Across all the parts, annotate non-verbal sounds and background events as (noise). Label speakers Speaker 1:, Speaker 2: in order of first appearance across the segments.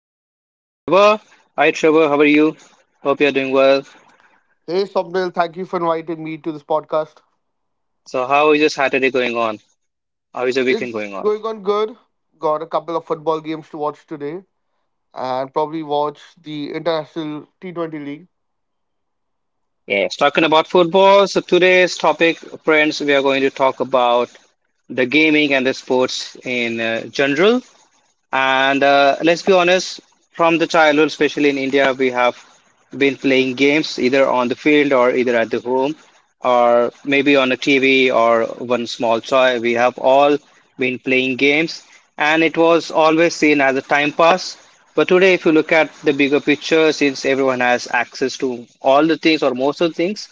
Speaker 1: My friend Trevor. Hi, Trevor. How are you? Hope you're doing well.
Speaker 2: Hey, Somnil, thank you for inviting me to this podcast.
Speaker 1: So, how is your Saturday going on? How is your weekend
Speaker 2: It's
Speaker 1: going on?
Speaker 2: going on good. Got a couple of football games to watch today and probably watch the International T20 League.
Speaker 1: Yes, talking about football. So, today's topic, friends, we are going to talk about the gaming and the sports in general. And let's be honest, from the childhood, especially in India, we have been playing games either on the field or either at the home or maybe on a TV or one small toy. We have all been playing games, and it was always seen as a time pass. But today, if you look at the bigger picture, since everyone has access to all the things or most of the things,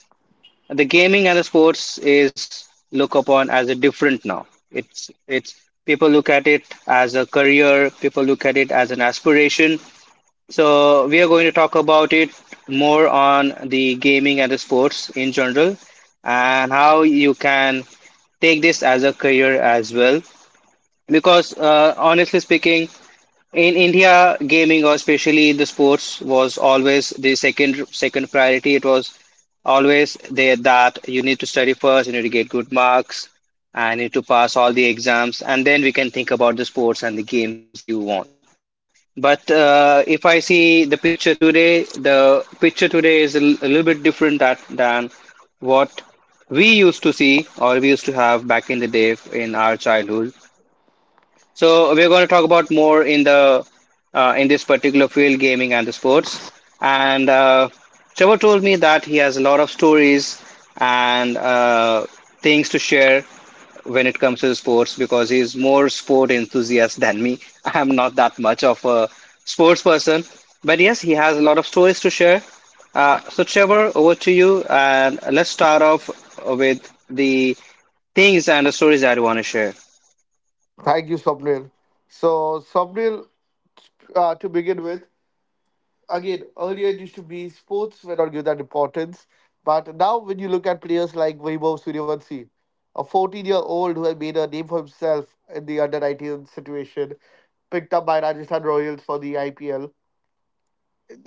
Speaker 1: the gaming and the sports is look upon as a different now. It's people look at it as a career, people look at it as an aspiration, so we are going to talk about it more on the gaming and the sports in general and how you can take this as a career as well. Because honestly speaking, in India, gaming or especially the sports was always the second priority. It was always there that you need to study first, you need to get good marks, and you need to pass all the exams, and then we can think about the sports and the games that you want. But if I see the picture today is a little bit different than what we used to see or we used to have back in the day in our childhood. So we're going to talk about more in this particular field, gaming and the sports. And Trevor told me that he has a lot of stories and things to share when it comes to the sports because he's more sport enthusiast than me. (laughs) I'm not that much of a sports person, but yes, he has a lot of stories to share. So Trevor, over to you, and let's start off with the things and the stories that you want to share.
Speaker 2: Thank you, Somnil. So, Somnil, to begin with, again, earlier it used to be sports were not given that importance. But now, when you look at players like Vaibhav Suryavanshi, a 14-year-old who had made a name for himself in the under 19 situation, picked up by Rajasthan Royals for the IPL.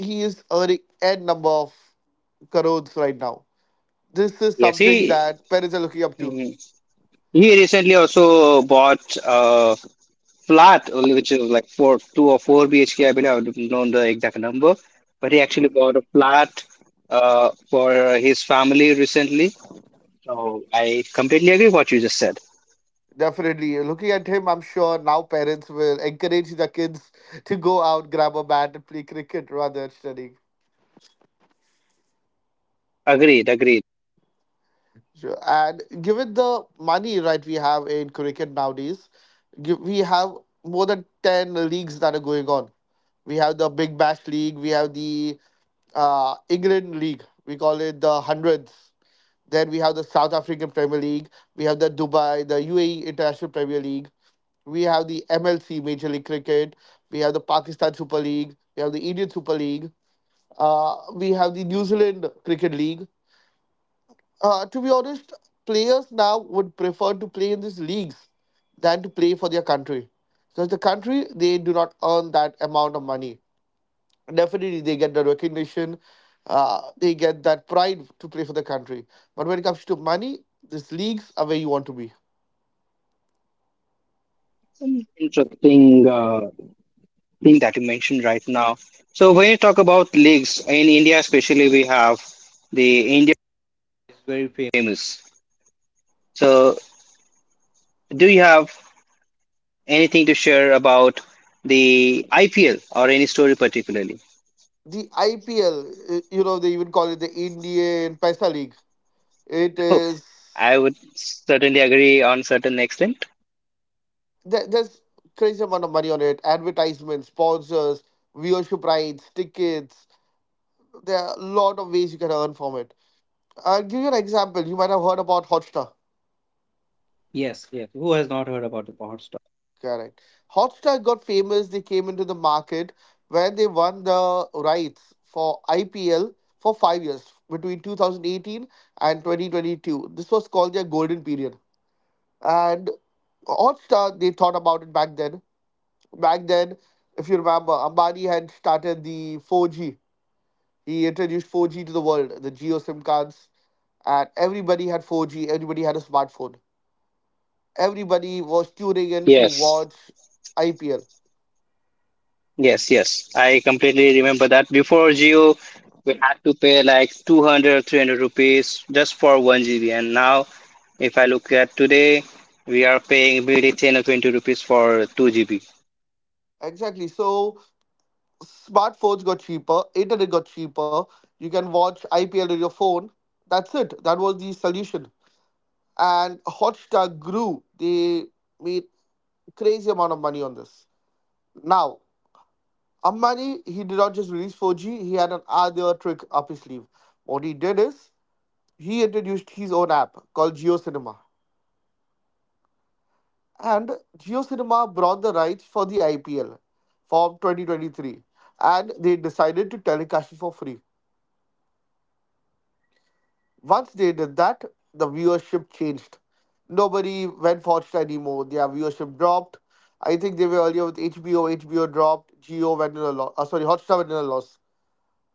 Speaker 2: He is earning n number of crores right now. This is
Speaker 1: Yes.
Speaker 2: something
Speaker 1: See.
Speaker 2: that parents are looking up to.
Speaker 1: He recently also bought a flat, only which is like four, two or four BHK. I mean, I don't know the exact number, but he actually bought a flat for his family recently. So I completely agree what you just said.
Speaker 2: Definitely. Looking at him, I'm sure now parents will encourage the kids to go out, grab a bat, and play cricket rather than studying.
Speaker 1: Agreed, agreed.
Speaker 2: Sure. And given the money right we have in cricket nowadays, we have more than 10 leagues that are going on. We have the Big Bash League, we have the England League. We call it the hundreds. Then we have the South African Premier League. We have the Dubai, the UAE International Premier League. We have the MLC Major League Cricket. We have the Pakistan Super League. We have the Indian Super League. We have the New Zealand Cricket League. To be honest, players now would prefer to play in these leagues than to play for their country. Because the country, they do not earn that amount of money. Definitely they get the recognition, they get that pride to play for the country. But when it comes to money, these leagues are where you want to be.
Speaker 1: Some interesting thing that you mentioned right now. So when you talk about leagues in India, especially, we have the.
Speaker 2: The IPL, they even call it the Indian Paisa League. It is there's crazy amount of money on it. Advertisements, sponsors, viewership rights, tickets. There are a lot of ways you can earn from it. I'll give you an example. You might have heard about Hotstar. Correct. Hotstar got famous. They came into the market where they won the rights for IPL for 5 years between 2018 and 2022. This was called their golden period. And Hotstar, they thought about it back then. Back then, if you remember, Ambani had started the 4G. He introduced 4G to the world, the Geo SIM cards, and everybody had 4G. Everybody had a smartphone. Everybody was tuning in to watch IPL. Exactly. So smartphones got cheaper, internet got cheaper. You can watch IPL on your phone. That's it. That was the solution. And Hotstar grew. They made crazy amount of money on this. Now, Ambani, he did not just release 4G. He had an other trick up his sleeve. What he did is he introduced his own app called Geo Cinema, and Geo Cinema brought the rights for the IPL from 2023, and they decided to telecast it for free. Once they did that, the viewership changed. Nobody went for it anymore. Their viewership dropped. I think they were earlier with HBO. HBO dropped. Geo went in a loss. Sorry, Hotstar went in a loss.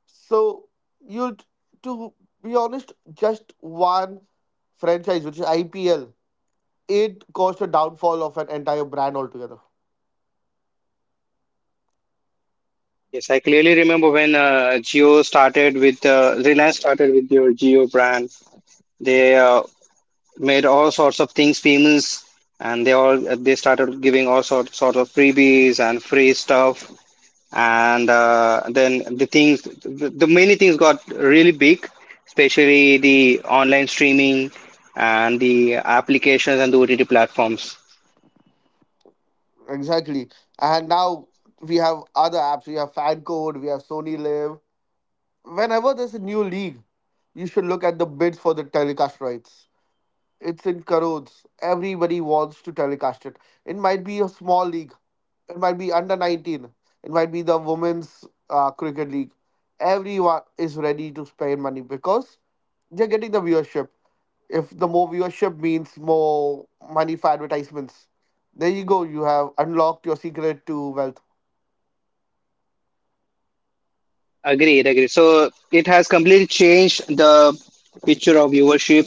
Speaker 2: So you, to be honest, just one franchise, which is IPL, it caused a downfall of an entire brand altogether.
Speaker 1: Yes, I clearly remember when Geo started with Reliance started with your Geo brand. They made all sorts of things famous, and they started giving all sort of freebies and free stuff. And then the many things got really big, especially the online streaming and the applications and the OTT platforms.
Speaker 2: Exactly. And now we have other apps. We have Fan Code. We have Sony Live. Whenever there's a new league, you should look at the bids for the telecast rights. It's in crores. Everybody wants to telecast it. It might be a small league. It might be under 19. It might be the women's cricket league. Everyone is ready to spend money because they're getting the viewership. If the more viewership means more money for advertisements, there you go. You have unlocked your secret to wealth.
Speaker 1: Agreed, agreed. So it has completely changed the picture of viewership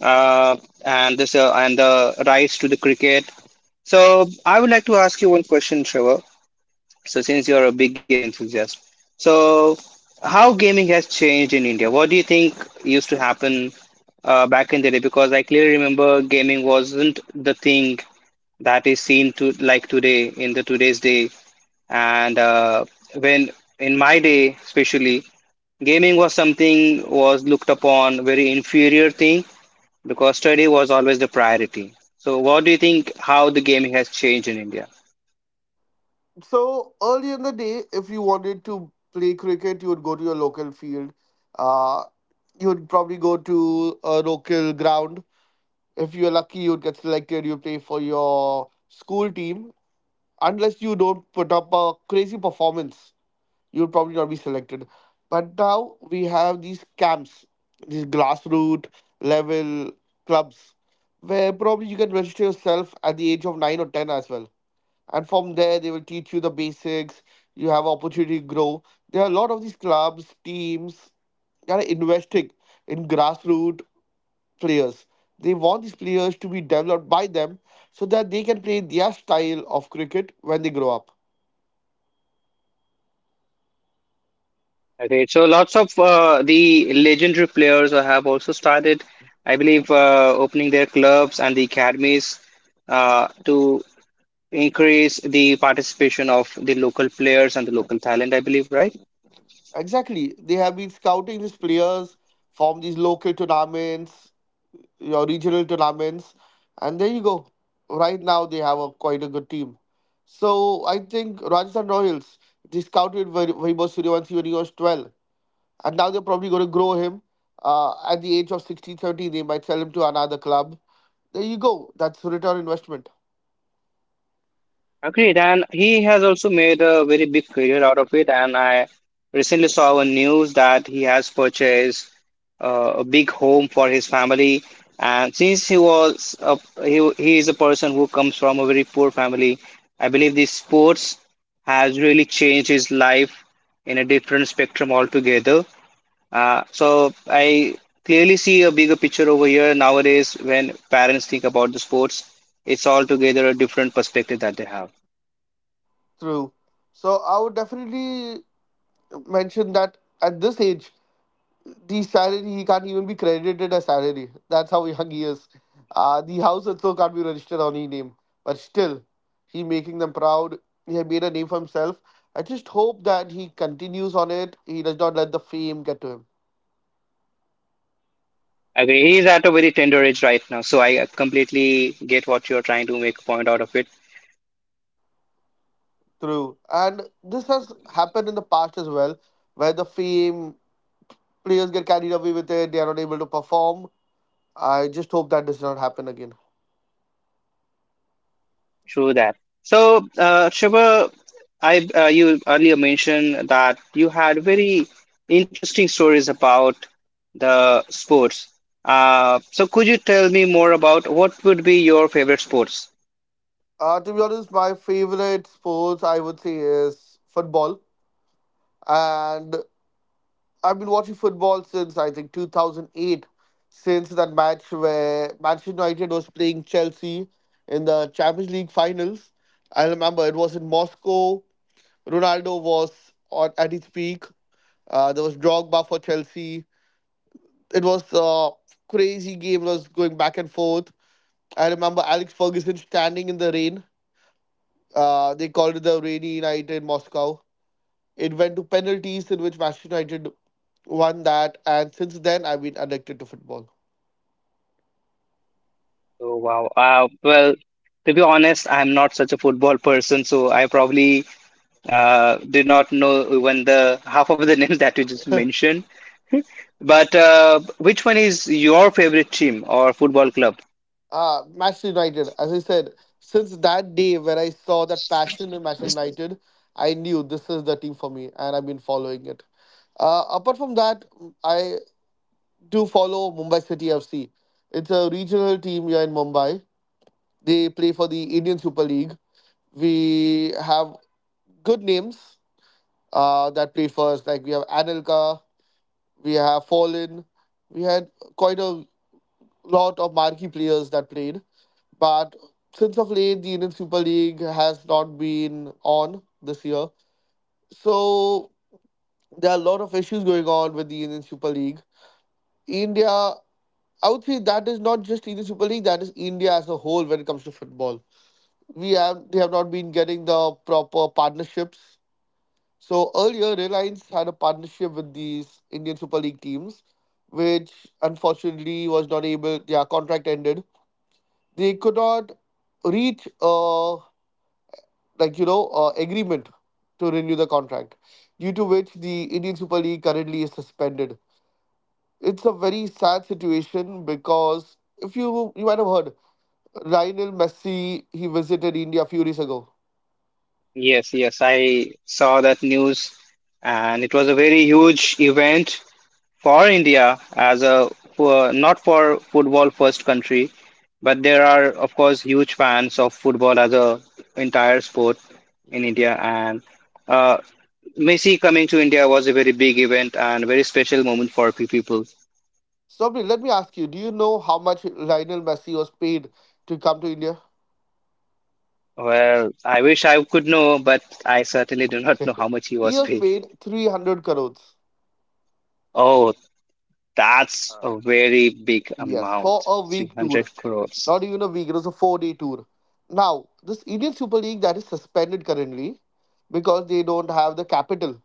Speaker 1: uh, and this and the rise to the cricket. So I would like to ask you one question, Trevor. So since you're a big game enthusiast, so how gaming has changed in India? What do you think used to happen back in the day? Because I clearly remember gaming wasn't the thing that is seen to like today in the today's day. And when in my day especially, gaming was something was looked upon very inferior thing, because study was always the priority. So what do you think, how the gaming has changed in India?
Speaker 2: So early in the day, if you wanted to play cricket, you would go to your local field. Uh, you would probably go to a local ground. If you're lucky, you'd get selected. You play for your school team. Unless you don't put up a crazy performance, you'll probably not be selected. But now we have these camps, these grassroots level clubs, where probably you can register yourself at the age of 9 or 10 as well. And from there they will teach you the basics. You have opportunity to grow. There are a lot of these clubs teams that are investing in grassroots players. They want these players to be developed by them so that they can play their style of cricket when they grow up.
Speaker 1: Okay, so lots of the legendary players have also started, I believe, opening their clubs and the academies to increase the participation of the local players and the local talent, I believe, right?
Speaker 2: Exactly. They have been scouting these players from these local tournaments, your regional tournaments, and there you go. Right now they have a quite a good team. So I think Rajasthan Royals they scouted Vaibhav Suryavanshi when he was 12, and now they're probably going to grow him. At the age of 16, 17, they might sell him to another club. There you go. That's return investment.
Speaker 1: Agreed, and he has also made a very big career out of it. And I recently saw a news that he has purchased a big home for his family. And since he is a person who comes from a very poor family, I believe this sports has really changed his life in a different spectrum altogether. So I clearly see a bigger picture over here nowadays when parents think about the sports. It's altogether a different perspective that they have.
Speaker 2: True. So I would definitely mention that at this age, the salary he can't even be credited as salary. That's how young he is. The house also can't be registered on his name. But still, he making them proud. He had made a name for himself. I just hope that he continues on it. He does not let the fame get to him.
Speaker 1: Agree. He's at a very tender age right now, so I completely get what you're trying to make a point out of it.
Speaker 2: True. And this has happened in the past as well, where the fame players get carried away with it. They are not able to perform. I just hope that does not happen again.
Speaker 1: True that. So, Shiva, I you earlier mentioned that you had very interesting stories about the sports. So could you tell me more about what would be your favorite sports?
Speaker 2: To be honest, my favorite sports I would say is football. And I've been watching football since I think 2008, since that match where Manchester United was playing Chelsea in the Champions League finals. I remember it was in Moscow. Ronaldo was on, at his peak. There was Drogba for Chelsea. It was a crazy game. It was going back and forth. I remember Alex Ferguson standing in the rain. They called it the rainy night in Moscow. It went to penalties in which Manchester United won that, and since then I've been addicted to football.
Speaker 1: Oh wow. Well, to be honest, I'm not such a football person, so I probably did not know even the half of the (laughs) names that you just
Speaker 2: (laughs)
Speaker 1: mentioned. But which one is your favorite team or football club?
Speaker 2: Manchester United. As I said, since that day when I saw that passion in Manchester United, I knew this is the team for me, and I've been following it. Apart from that, I do follow Mumbai City FC. It's a regional team here in Mumbai. They play for the Indian Super League. We have good names that play first. Like we have Anelka, we have Fallen, we had quite a lot of marquee players that played. But since of late, the Indian Super League has not been on this year. So there are a lot of issues going on with the Indian Super League. India, I would say that is not just Indian Super League, that is India as a whole when it comes to football. We have They have not been getting the proper partnerships. So earlier Reliance had a partnership with these Indian Super League teams, which unfortunately was not able their contract ended. They could not reach a like agreement to renew the contract, due to which the Indian Super League currently is suspended. It's a very sad situation because if you might have heard, Lionel Messi he visited India a few days ago.
Speaker 1: Yes, yes, I saw that news, and it was a very huge event for India not for football first country, but there are of course huge fans of football as a entire sport in
Speaker 2: Yeah.
Speaker 1: India, and uh, Messi coming to India was a very big event and very special moment for people.
Speaker 2: Swapnil, let me ask you: Do you know how much Lionel Messi was paid to come to India?
Speaker 1: Well, I wish I could know, but I certainly do not know
Speaker 2: (laughs)
Speaker 1: how much he
Speaker 2: He
Speaker 1: was
Speaker 2: was
Speaker 1: paid.
Speaker 2: paid 300 crores.
Speaker 1: Oh, that's a very big
Speaker 2: Yes, for
Speaker 1: amount,
Speaker 2: a week tour.
Speaker 1: 300 crores.
Speaker 2: Not even a week. It was a 4-day tour. Now, this Indian Super League that is suspended currently because they don't have the capital.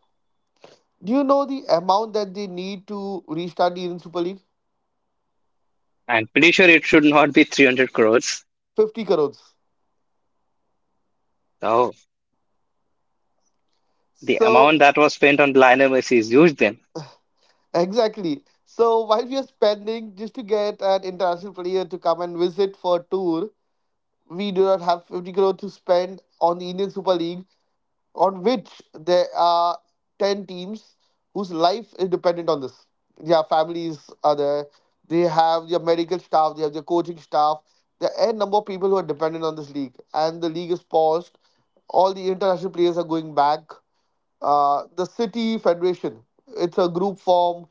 Speaker 2: Do you know the amount that they need to restart the Indian Super League?
Speaker 1: I'm pretty sure it should not be 300 crores.
Speaker 2: 50 crores.
Speaker 1: So the
Speaker 2: So,
Speaker 1: amount that was spent on Lionel Messi is huge.
Speaker 2: exactly. So, while we are spending just to get an international player to come and visit for a tour, we do not have 50 crore to spend on the Indian Super League on which there are 10 teams whose life is dependent on this. Their families are there, they have their medical staff, they have their coaching staff, there are n number of people who are dependent on this league, and the league is paused. All the international players are going back. The City Federation, it's a group from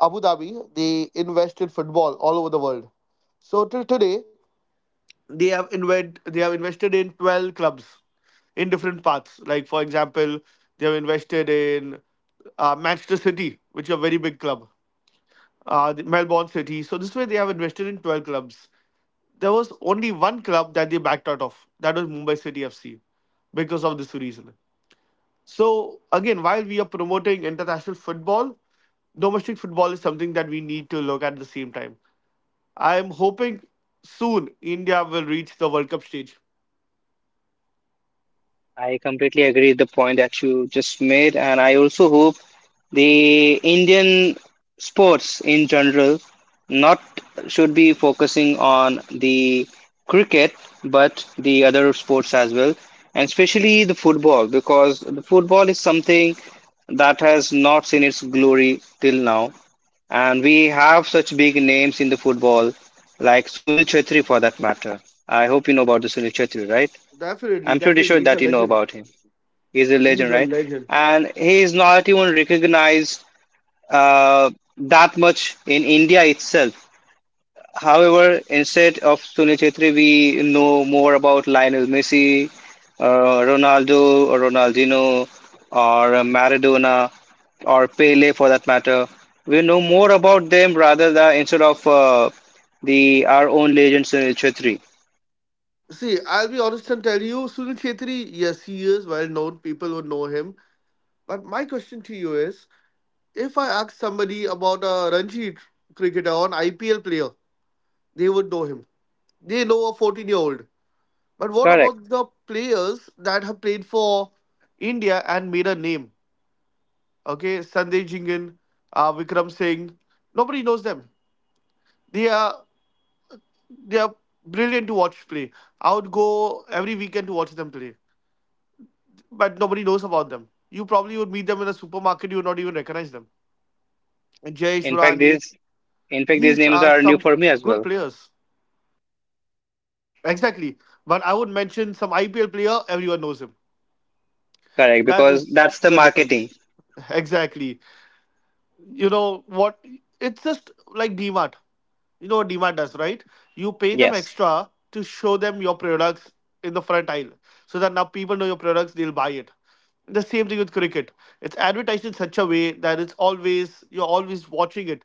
Speaker 2: Abu Dhabi, they invest in football all over the world. So, till today, they have invested in 12 clubs in different paths, like for example they have invested in Manchester City, which is a very big club. The Melbourne City, so this way they have invested in 12 clubs. There was only one club that they backed out of, that was Mumbai City FC, because of this reason. So again, while we are promoting international football, domestic football is something that we need to look at the same time. I am hoping soon India will reach the World Cup stage.
Speaker 1: I completely agree with the point that you just made, and I also hope the Indian sports in general not should be focusing on the cricket, but the other sports as well, and especially the football, because the football is something that has not seen its glory till now. And we have such big names in the football, like Sunil Chetri for that matter. I hope you know about the Sunil Chetri, right?
Speaker 2: Definitely,
Speaker 1: I'm pretty
Speaker 2: definitely.
Speaker 1: sure
Speaker 2: He's a
Speaker 1: that you know
Speaker 2: legend.
Speaker 1: about him. He's a
Speaker 2: He's
Speaker 1: legend,
Speaker 2: a
Speaker 1: right?
Speaker 2: legend.
Speaker 1: And he is not even recognized uh, that much in India itself. However, instead of Sunil Chetri, we know more about Lionel Messi, Ronaldo, or Ronaldinho, or Maradona, or Pele for that matter. We know more about them rather than instead of the our own legend Sunil Chetri.
Speaker 2: See, I'll be honest and tell you, Sunil Chhetri, yes, he is well known. People would know him. But my question to you is if I ask somebody about a cricketer or an IPL player, they would know him. They know a 14-year-old year old. But what
Speaker 1: Correct.
Speaker 2: about the players that have played for India and made a name? Okay, Sandeep Jingan, Vikram Singh. Nobody knows them. They are They are brilliant to watch play. I would go every weekend to watch them play, but nobody knows about them. You probably would meet them in a supermarket. You would not even recognize them. Jayesh
Speaker 1: In fact,
Speaker 2: Rani,
Speaker 1: these in fact, these
Speaker 2: these
Speaker 1: names
Speaker 2: are
Speaker 1: are new
Speaker 2: some
Speaker 1: for me as
Speaker 2: good
Speaker 1: well.
Speaker 2: players. Exactly. But I would mention some IPL player. Everyone knows him.
Speaker 1: Correct,
Speaker 2: That
Speaker 1: because
Speaker 2: is
Speaker 1: that's the
Speaker 2: the difference.
Speaker 1: marketing.
Speaker 2: Exactly. You know what? It's just like DMart. You know what demand does, right? You pay them
Speaker 1: Yes,
Speaker 2: extra to show them your products in the front aisle so that now people know your products, they'll buy it. The same thing with cricket. It's advertised in such a way that it's always you're always watching it.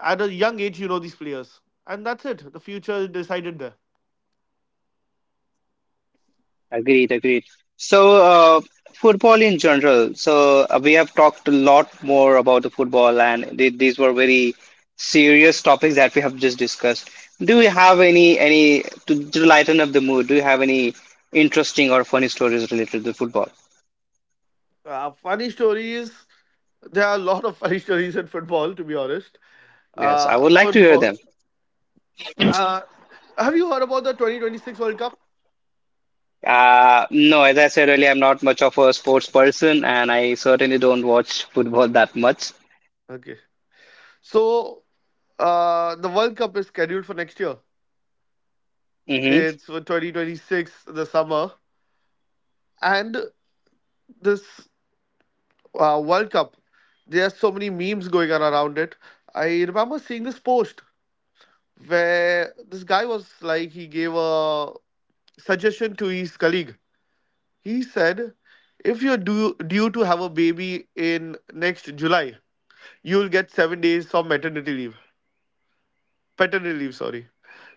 Speaker 2: At a young age, you know these players, and that's it. The future is decided there.
Speaker 1: agreed, agreed. So, football in general. So, we have talked a lot more about the football, and th these were very serious topics that we have just discussed. Do you have any to lighten up the mood? Do you have any interesting or funny stories related to football?
Speaker 2: Funny stories, there are a lot of funny stories in football, to be honest.
Speaker 1: Yes, I would like to hear
Speaker 2: Football
Speaker 1: them.
Speaker 2: uh, have you heard about the 2026 World Cup?
Speaker 1: No, as I said earlier, I'm not much of a sports person, and I certainly don't watch football that much.
Speaker 2: Okay, so the World Cup is scheduled for next year.
Speaker 1: Hmm.
Speaker 2: It's for 2026, the summer. And this World Cup, there are so many memes going on around it. I remember seeing this post where this guy was like, he gave a suggestion to his colleague. He said, if you're due to have a baby in next July, you'll get 7 days of maternity leave, paternity leave, sorry.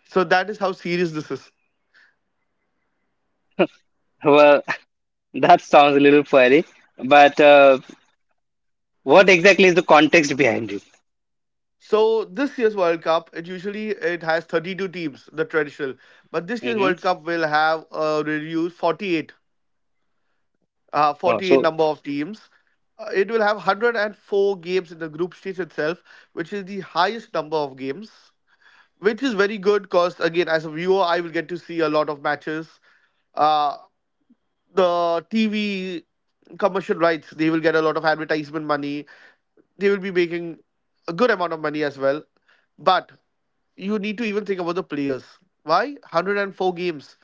Speaker 2: So that is how serious this is.
Speaker 1: Well, (laughs) that sounds a little funny. But what exactly is the context behind it?
Speaker 2: So this year's World Cup, it usually it has 32 teams, the traditional, but this year's
Speaker 1: Hmm.
Speaker 2: World Cup will have 48
Speaker 1: Oh,
Speaker 2: number
Speaker 1: so,
Speaker 2: of teams. It will have 104 games in the group stage itself, which is the highest number of games, which is very good because, again, as a viewer, I will get to see a lot of matches. Uh, the TV commercial rights, they will get a lot of advertisement money. They will be making a good amount of money as well. But you need to even think about the players. Why? 104 games.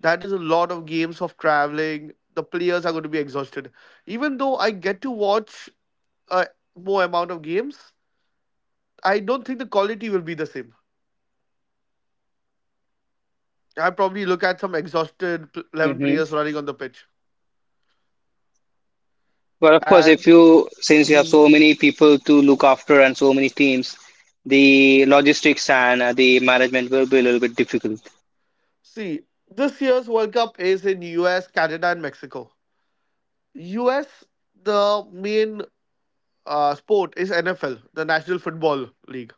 Speaker 2: That is a lot of games of traveling. The players are going to be exhausted. Even though I get to watch a more amount of games, I don't think the quality will be the same. I probably look at some exhausted 11
Speaker 1: hmm
Speaker 2: players running on the pitch.
Speaker 1: but of course,
Speaker 2: And
Speaker 1: if you since you have so many people to look after and so many teams, the logistics and the management will be a little bit difficult.
Speaker 2: See, this year's World Cup is in US, Canada, and Mexico. US, the main sport is NFL, the National Football League.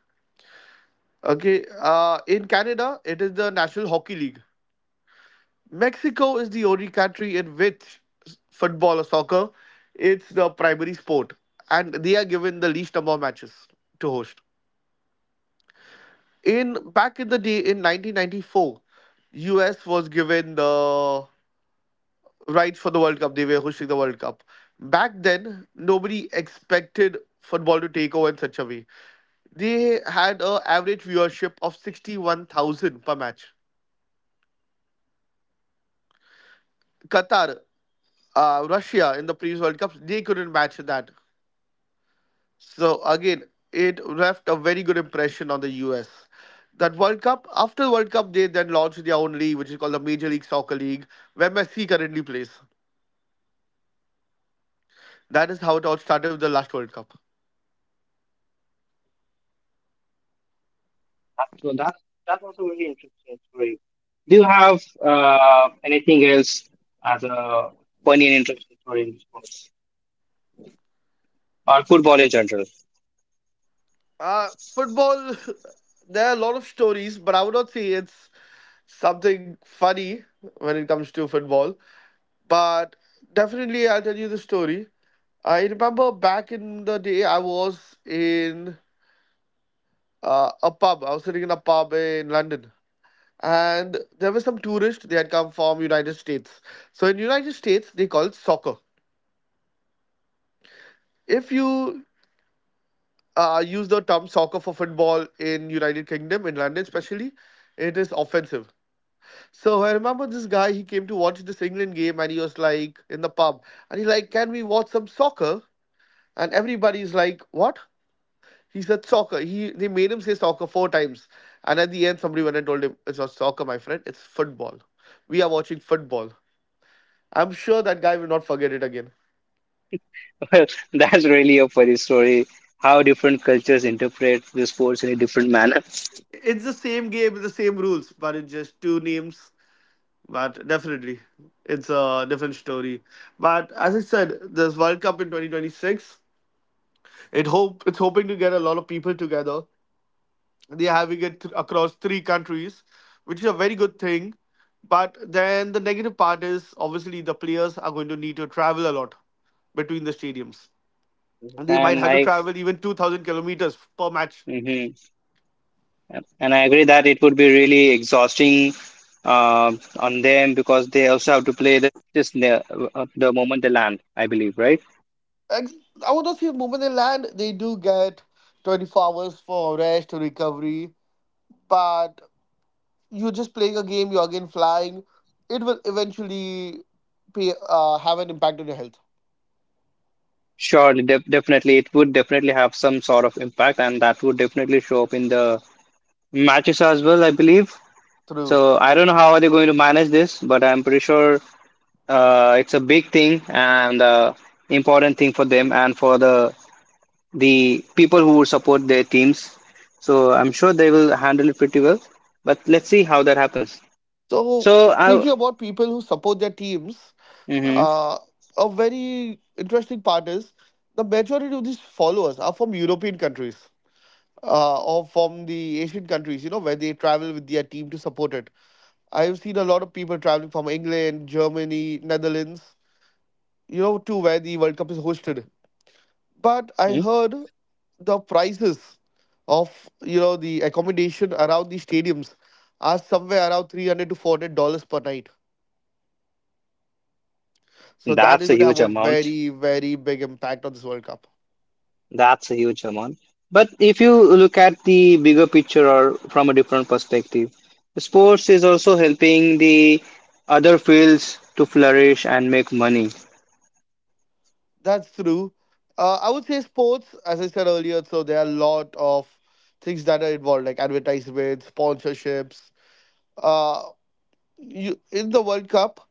Speaker 2: Okay, in Canada, it is the National Hockey League. Mexico is the only country in which football or soccer, it's the primary sport, and they are given the least number of matches to host. In back in the day, in 1994, US was given the rights for the World Cup. They were hosting the World Cup. Back then, nobody expected football to take over in such a way. They had an average viewership of 61,000 per match. Qatar, Russia in the previous World Cups, they couldn't match that. So again, it left a very good impression on the US. That World Cup, after the World Cup, they then launched their own league, which is called the Major League Soccer League, where Messi currently plays. That is how it all started with the last World Cup.
Speaker 1: So that was a really interesting story. Do you have anything else as a funny and interesting story in sports or football in general? (laughs)
Speaker 2: Uh, football, (laughs) there are a lot of stories, but I would not say it's something funny when it comes to football. But definitely, I'll tell you the story. I remember back in the day, I was in a pub. I was sitting in a pub in London, and there were some tourists. They had come from United States. So in United States, they call it soccer. If you use the term soccer for football in United Kingdom, in London especially, it is offensive. So I remember this guy. He came to watch this England game, and he was like in the pub, and he's like, "Can we watch some soccer?" And everybody's like, "What?" He said soccer. He They made him say soccer four times, and at the end, somebody went and told him it's not soccer, my friend. It's football. We are watching football. I'm sure that guy will not forget it again.
Speaker 1: Well, that's really a funny story. How different cultures interpret the sports in a different manner,
Speaker 2: It's the same game, the same rules, but it's just two names. But definitely, it's a different story. But as I said, this World Cup in 2026, it's hoping to get a lot of people together. They're having it across three countries, which is a very good thing. But then the negative part is, obviously, the players are going to need to travel a lot between the stadiums. And they might
Speaker 1: and
Speaker 2: have to
Speaker 1: I.
Speaker 2: travel even 2,000 kilometers per match.
Speaker 1: Mhm. And I agree that it would be really exhausting uh, on them because they also have to play the just the moment they land, I believe, right?
Speaker 2: Ex- I would not say the moment they land, they do get 24 hours for rest or recovery. But you're just playing a game, you're again flying. It will eventually have an impact on your health.
Speaker 1: Sure, definitely, it would definitely have some sort of impact, and that would definitely show up in the matches as well, I believe.
Speaker 2: True.
Speaker 1: So I don't know how are they going to manage this, but I'm pretty sure it's a big thing and important thing for them and for the people who support their teams. So I'm sure they will handle it pretty well. But let's see how that happens.
Speaker 2: So,
Speaker 1: So I,
Speaker 2: speaking about people who support their teams,
Speaker 1: Mhm,
Speaker 2: uh, a very interesting part is the majority of these followers are from European countries or from the Asian countries, you know, where they travel with their team to support it. I've seen a lot of people traveling from England, Germany, Netherlands, you know, to where the World Cup is hosted. But I
Speaker 1: mhm.
Speaker 2: heard the prices of, you know, the accommodation around the stadiums are somewhere around 300 to $400 per night. So that is
Speaker 1: That's a
Speaker 2: going to have
Speaker 1: huge
Speaker 2: a
Speaker 1: amount.
Speaker 2: very, very big impact on this World Cup.
Speaker 1: That's a huge amount. But if you look at the bigger picture or from a different perspective, sports is also helping the other fields to flourish and make money.
Speaker 2: That's true. I would say sports, as I said earlier, so there are a lot of things that are involved, like advertisements, sponsorships. Uh, in the World Cup,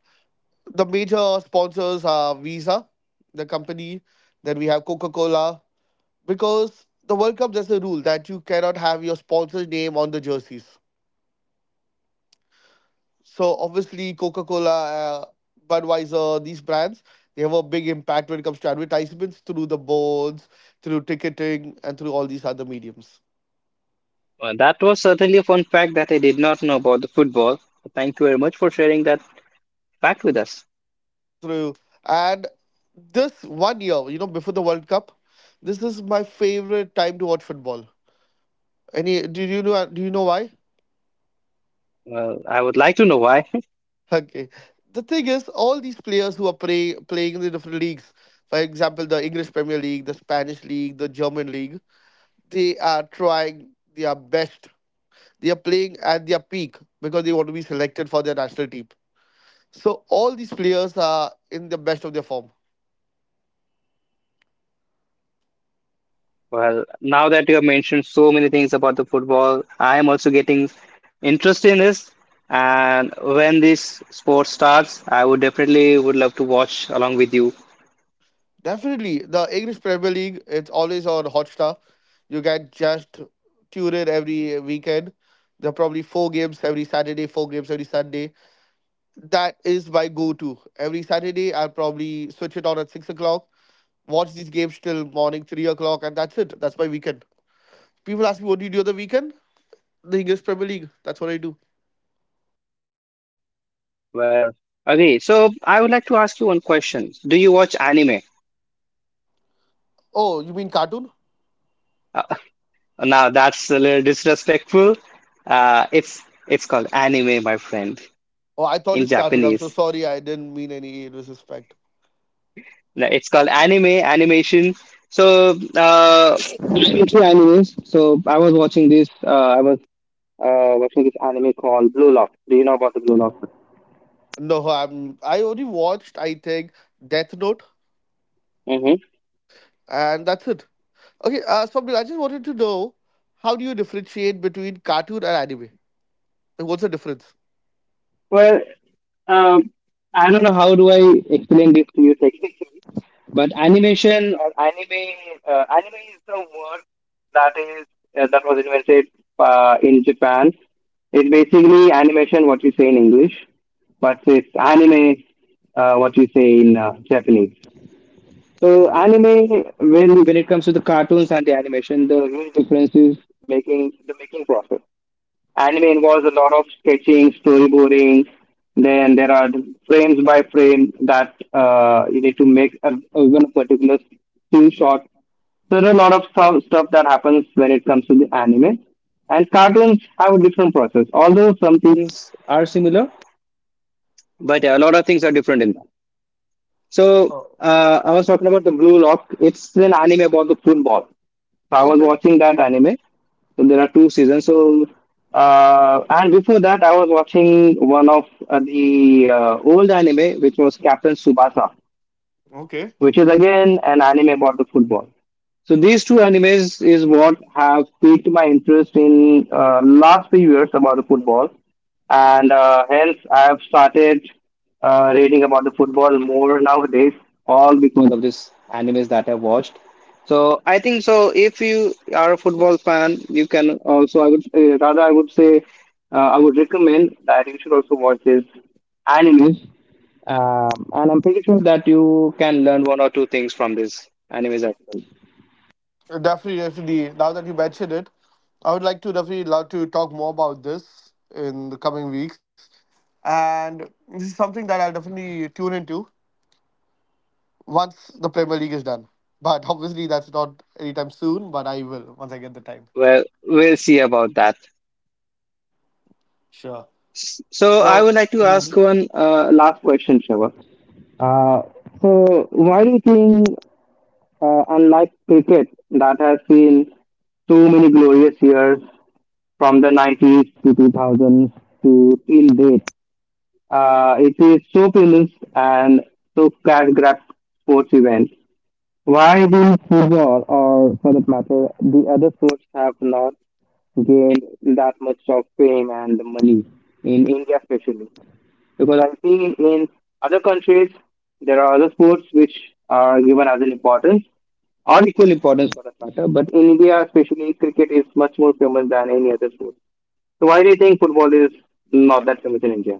Speaker 2: the major sponsors are Visa, the company. Then we have Coca Cola. Because the World Cup, there's a rule that you cannot have your sponsor's name on the jerseys. So obviously, Coca Cola, Budweiser, these brands, they have a big impact when it comes to advertisements through the boards, through ticketing, and through all these other mediums.
Speaker 1: Well, that was certainly a fun fact that I did not know about the football. Thank you very much for sharing that fact with us.
Speaker 2: Through and This one year, you know, before the World Cup, this is my favorite time to watch football. Any? Do you know? Do you know why?
Speaker 1: Well, I would like to know why.
Speaker 2: Okay. The thing is, all these players who are playing in the different leagues, for example, the English Premier League, the Spanish League, the German League, they are trying their best. They are playing at their peak because they want to be selected for their national team. So all these players are in the best of their form.
Speaker 1: Well, now that you have mentioned so many things about the football, I am also getting interested in this. And when this sport starts, I would definitely would love to watch along with you.
Speaker 2: Definitely, the English Premier League, it's always on Hotstar. You can just tune in every weekend. There are probably four games every Saturday, four games every Sunday. That is my go-to. Every Saturday, I'll probably switch it on at 6 o'clock, watch these games till morning 3 o'clock, and that's it. That's my weekend. People ask me, "What do you do on the weekend?" The English Premier League. That's what I do.
Speaker 1: Well, okay. So I would like to ask you one question. Do you watch anime?
Speaker 2: Oh, you mean cartoon?
Speaker 1: Uh, Now that's a little disrespectful. Uh, it's it's called anime, my friend,
Speaker 2: Oh, I thought
Speaker 1: in
Speaker 2: it's cartoon. I'm so
Speaker 1: Japanese.
Speaker 2: sorry. I didn't mean any disrespect.
Speaker 1: No, it's called anime animation. So anime. So I was watching this. I was what's this anime called Blue Lock. Do you know about the Blue Lock?
Speaker 2: No, I only watched, I think, Death Note,
Speaker 1: Mm-hmm.
Speaker 2: and that's it. Okay, Swapnil, I just wanted to know, how do you differentiate between cartoon and anime? Like, what's the difference?
Speaker 1: Well, um, I don't know how do I explain this to you technically, but animation or anime, anime is the word that is that was invented in Japan. It's basically animation, what you say in English, but it's anime, what you say in Japanese. So
Speaker 2: Okay.
Speaker 1: anime, when it comes to the cartoons and the animation, the real difference is making the making process. Anime involves a lot of sketching, storyboarding. Then there are frames by frame that you need to make even a particular still shot. So there are a lot of stuff that happens when it comes to the anime. And cartoons have a different process. Although some things are similar, but yeah, a lot of things are different in that. So
Speaker 2: Oh.
Speaker 1: uh, I was talking about the Blue Lock. It's an anime about the football. So I was
Speaker 2: Okay.
Speaker 1: watching that anime. So there are two seasons. And before that, I was watching one of the old anime, which was Captain Subasa,
Speaker 2: Okay.
Speaker 1: which is again an anime about the football. So these two animes is what have piqued my interest in last few years about the football, and hence I have started reading about the football more nowadays, all because of this animes that I watched. So I think so. If you are a football fan, you can also, I would rather, I would say, I would recommend that you should also watch this animes, and I'm pretty sure that you can learn one or two things from this anime's article.
Speaker 2: Definitely. Now that you mentioned it, I would like to definitely love to talk more about this in the coming weeks, and this is something that I'll definitely tune into once the Premier League is done. But obviously, that's not anytime soon. But I will once I get the time.
Speaker 1: Well, we'll see about that.
Speaker 2: Sure.
Speaker 1: So I
Speaker 2: So,
Speaker 1: would like to ask
Speaker 2: mhm.
Speaker 1: one last question, Shiva. Uh, so why do you think, unlike cricket, that has seen so many glorious years from the 90s to 2000s to till date, it is so famous and so cash grab sports event? Why will football, or for that matter, the other sports have not gained that much of fame and money in India, especially? Because I've seen in other countries there are other sports which are given as an importance or equal importance for that matter. But in India, especially cricket is much more famous than any other sport. So why do you think football is not that famous in India?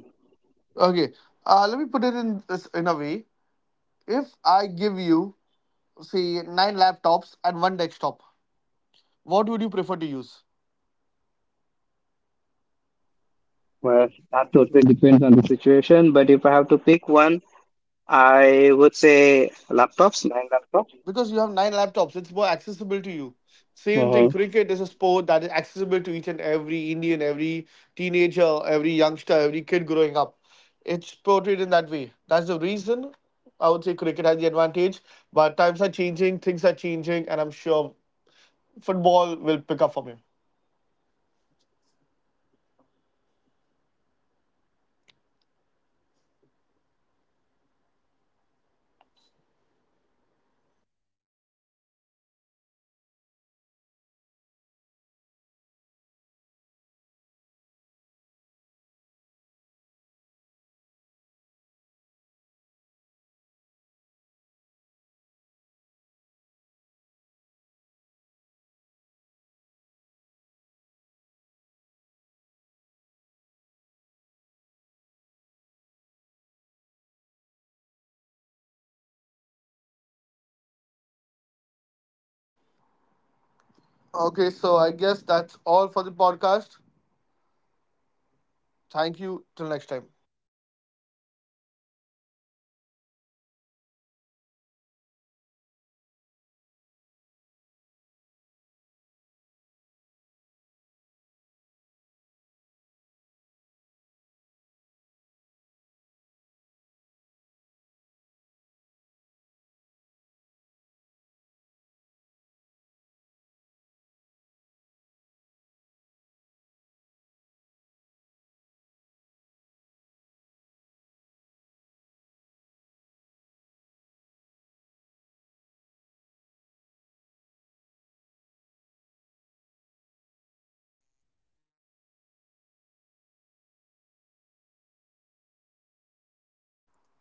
Speaker 2: Okay. Let me put it in this in a way. If I give you, say, nine laptops and one desktop, what would you prefer to use?
Speaker 1: Well, that totally depends on the situation. But if I have to pick one, I would say laptops, nine laptops.
Speaker 2: Because you have nine laptops, it's more accessible to you. Same thing,
Speaker 1: Hmm.
Speaker 2: cricket is a sport that is accessible to each and every Indian, every teenager, every youngster, every kid growing up. It's portrayed in that way. That's the reason I would say cricket has the advantage. But times are changing, things are changing, and I'm sure football will pick up from here. Okay, so I guess that's all for the podcast. Thank you till next time.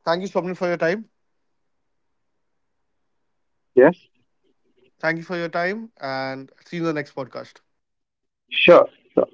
Speaker 2: Thank you, Swapnil, for your time.
Speaker 1: Yes,
Speaker 2: Thank you for your time, and see you in the next podcast.
Speaker 1: sure. Sure.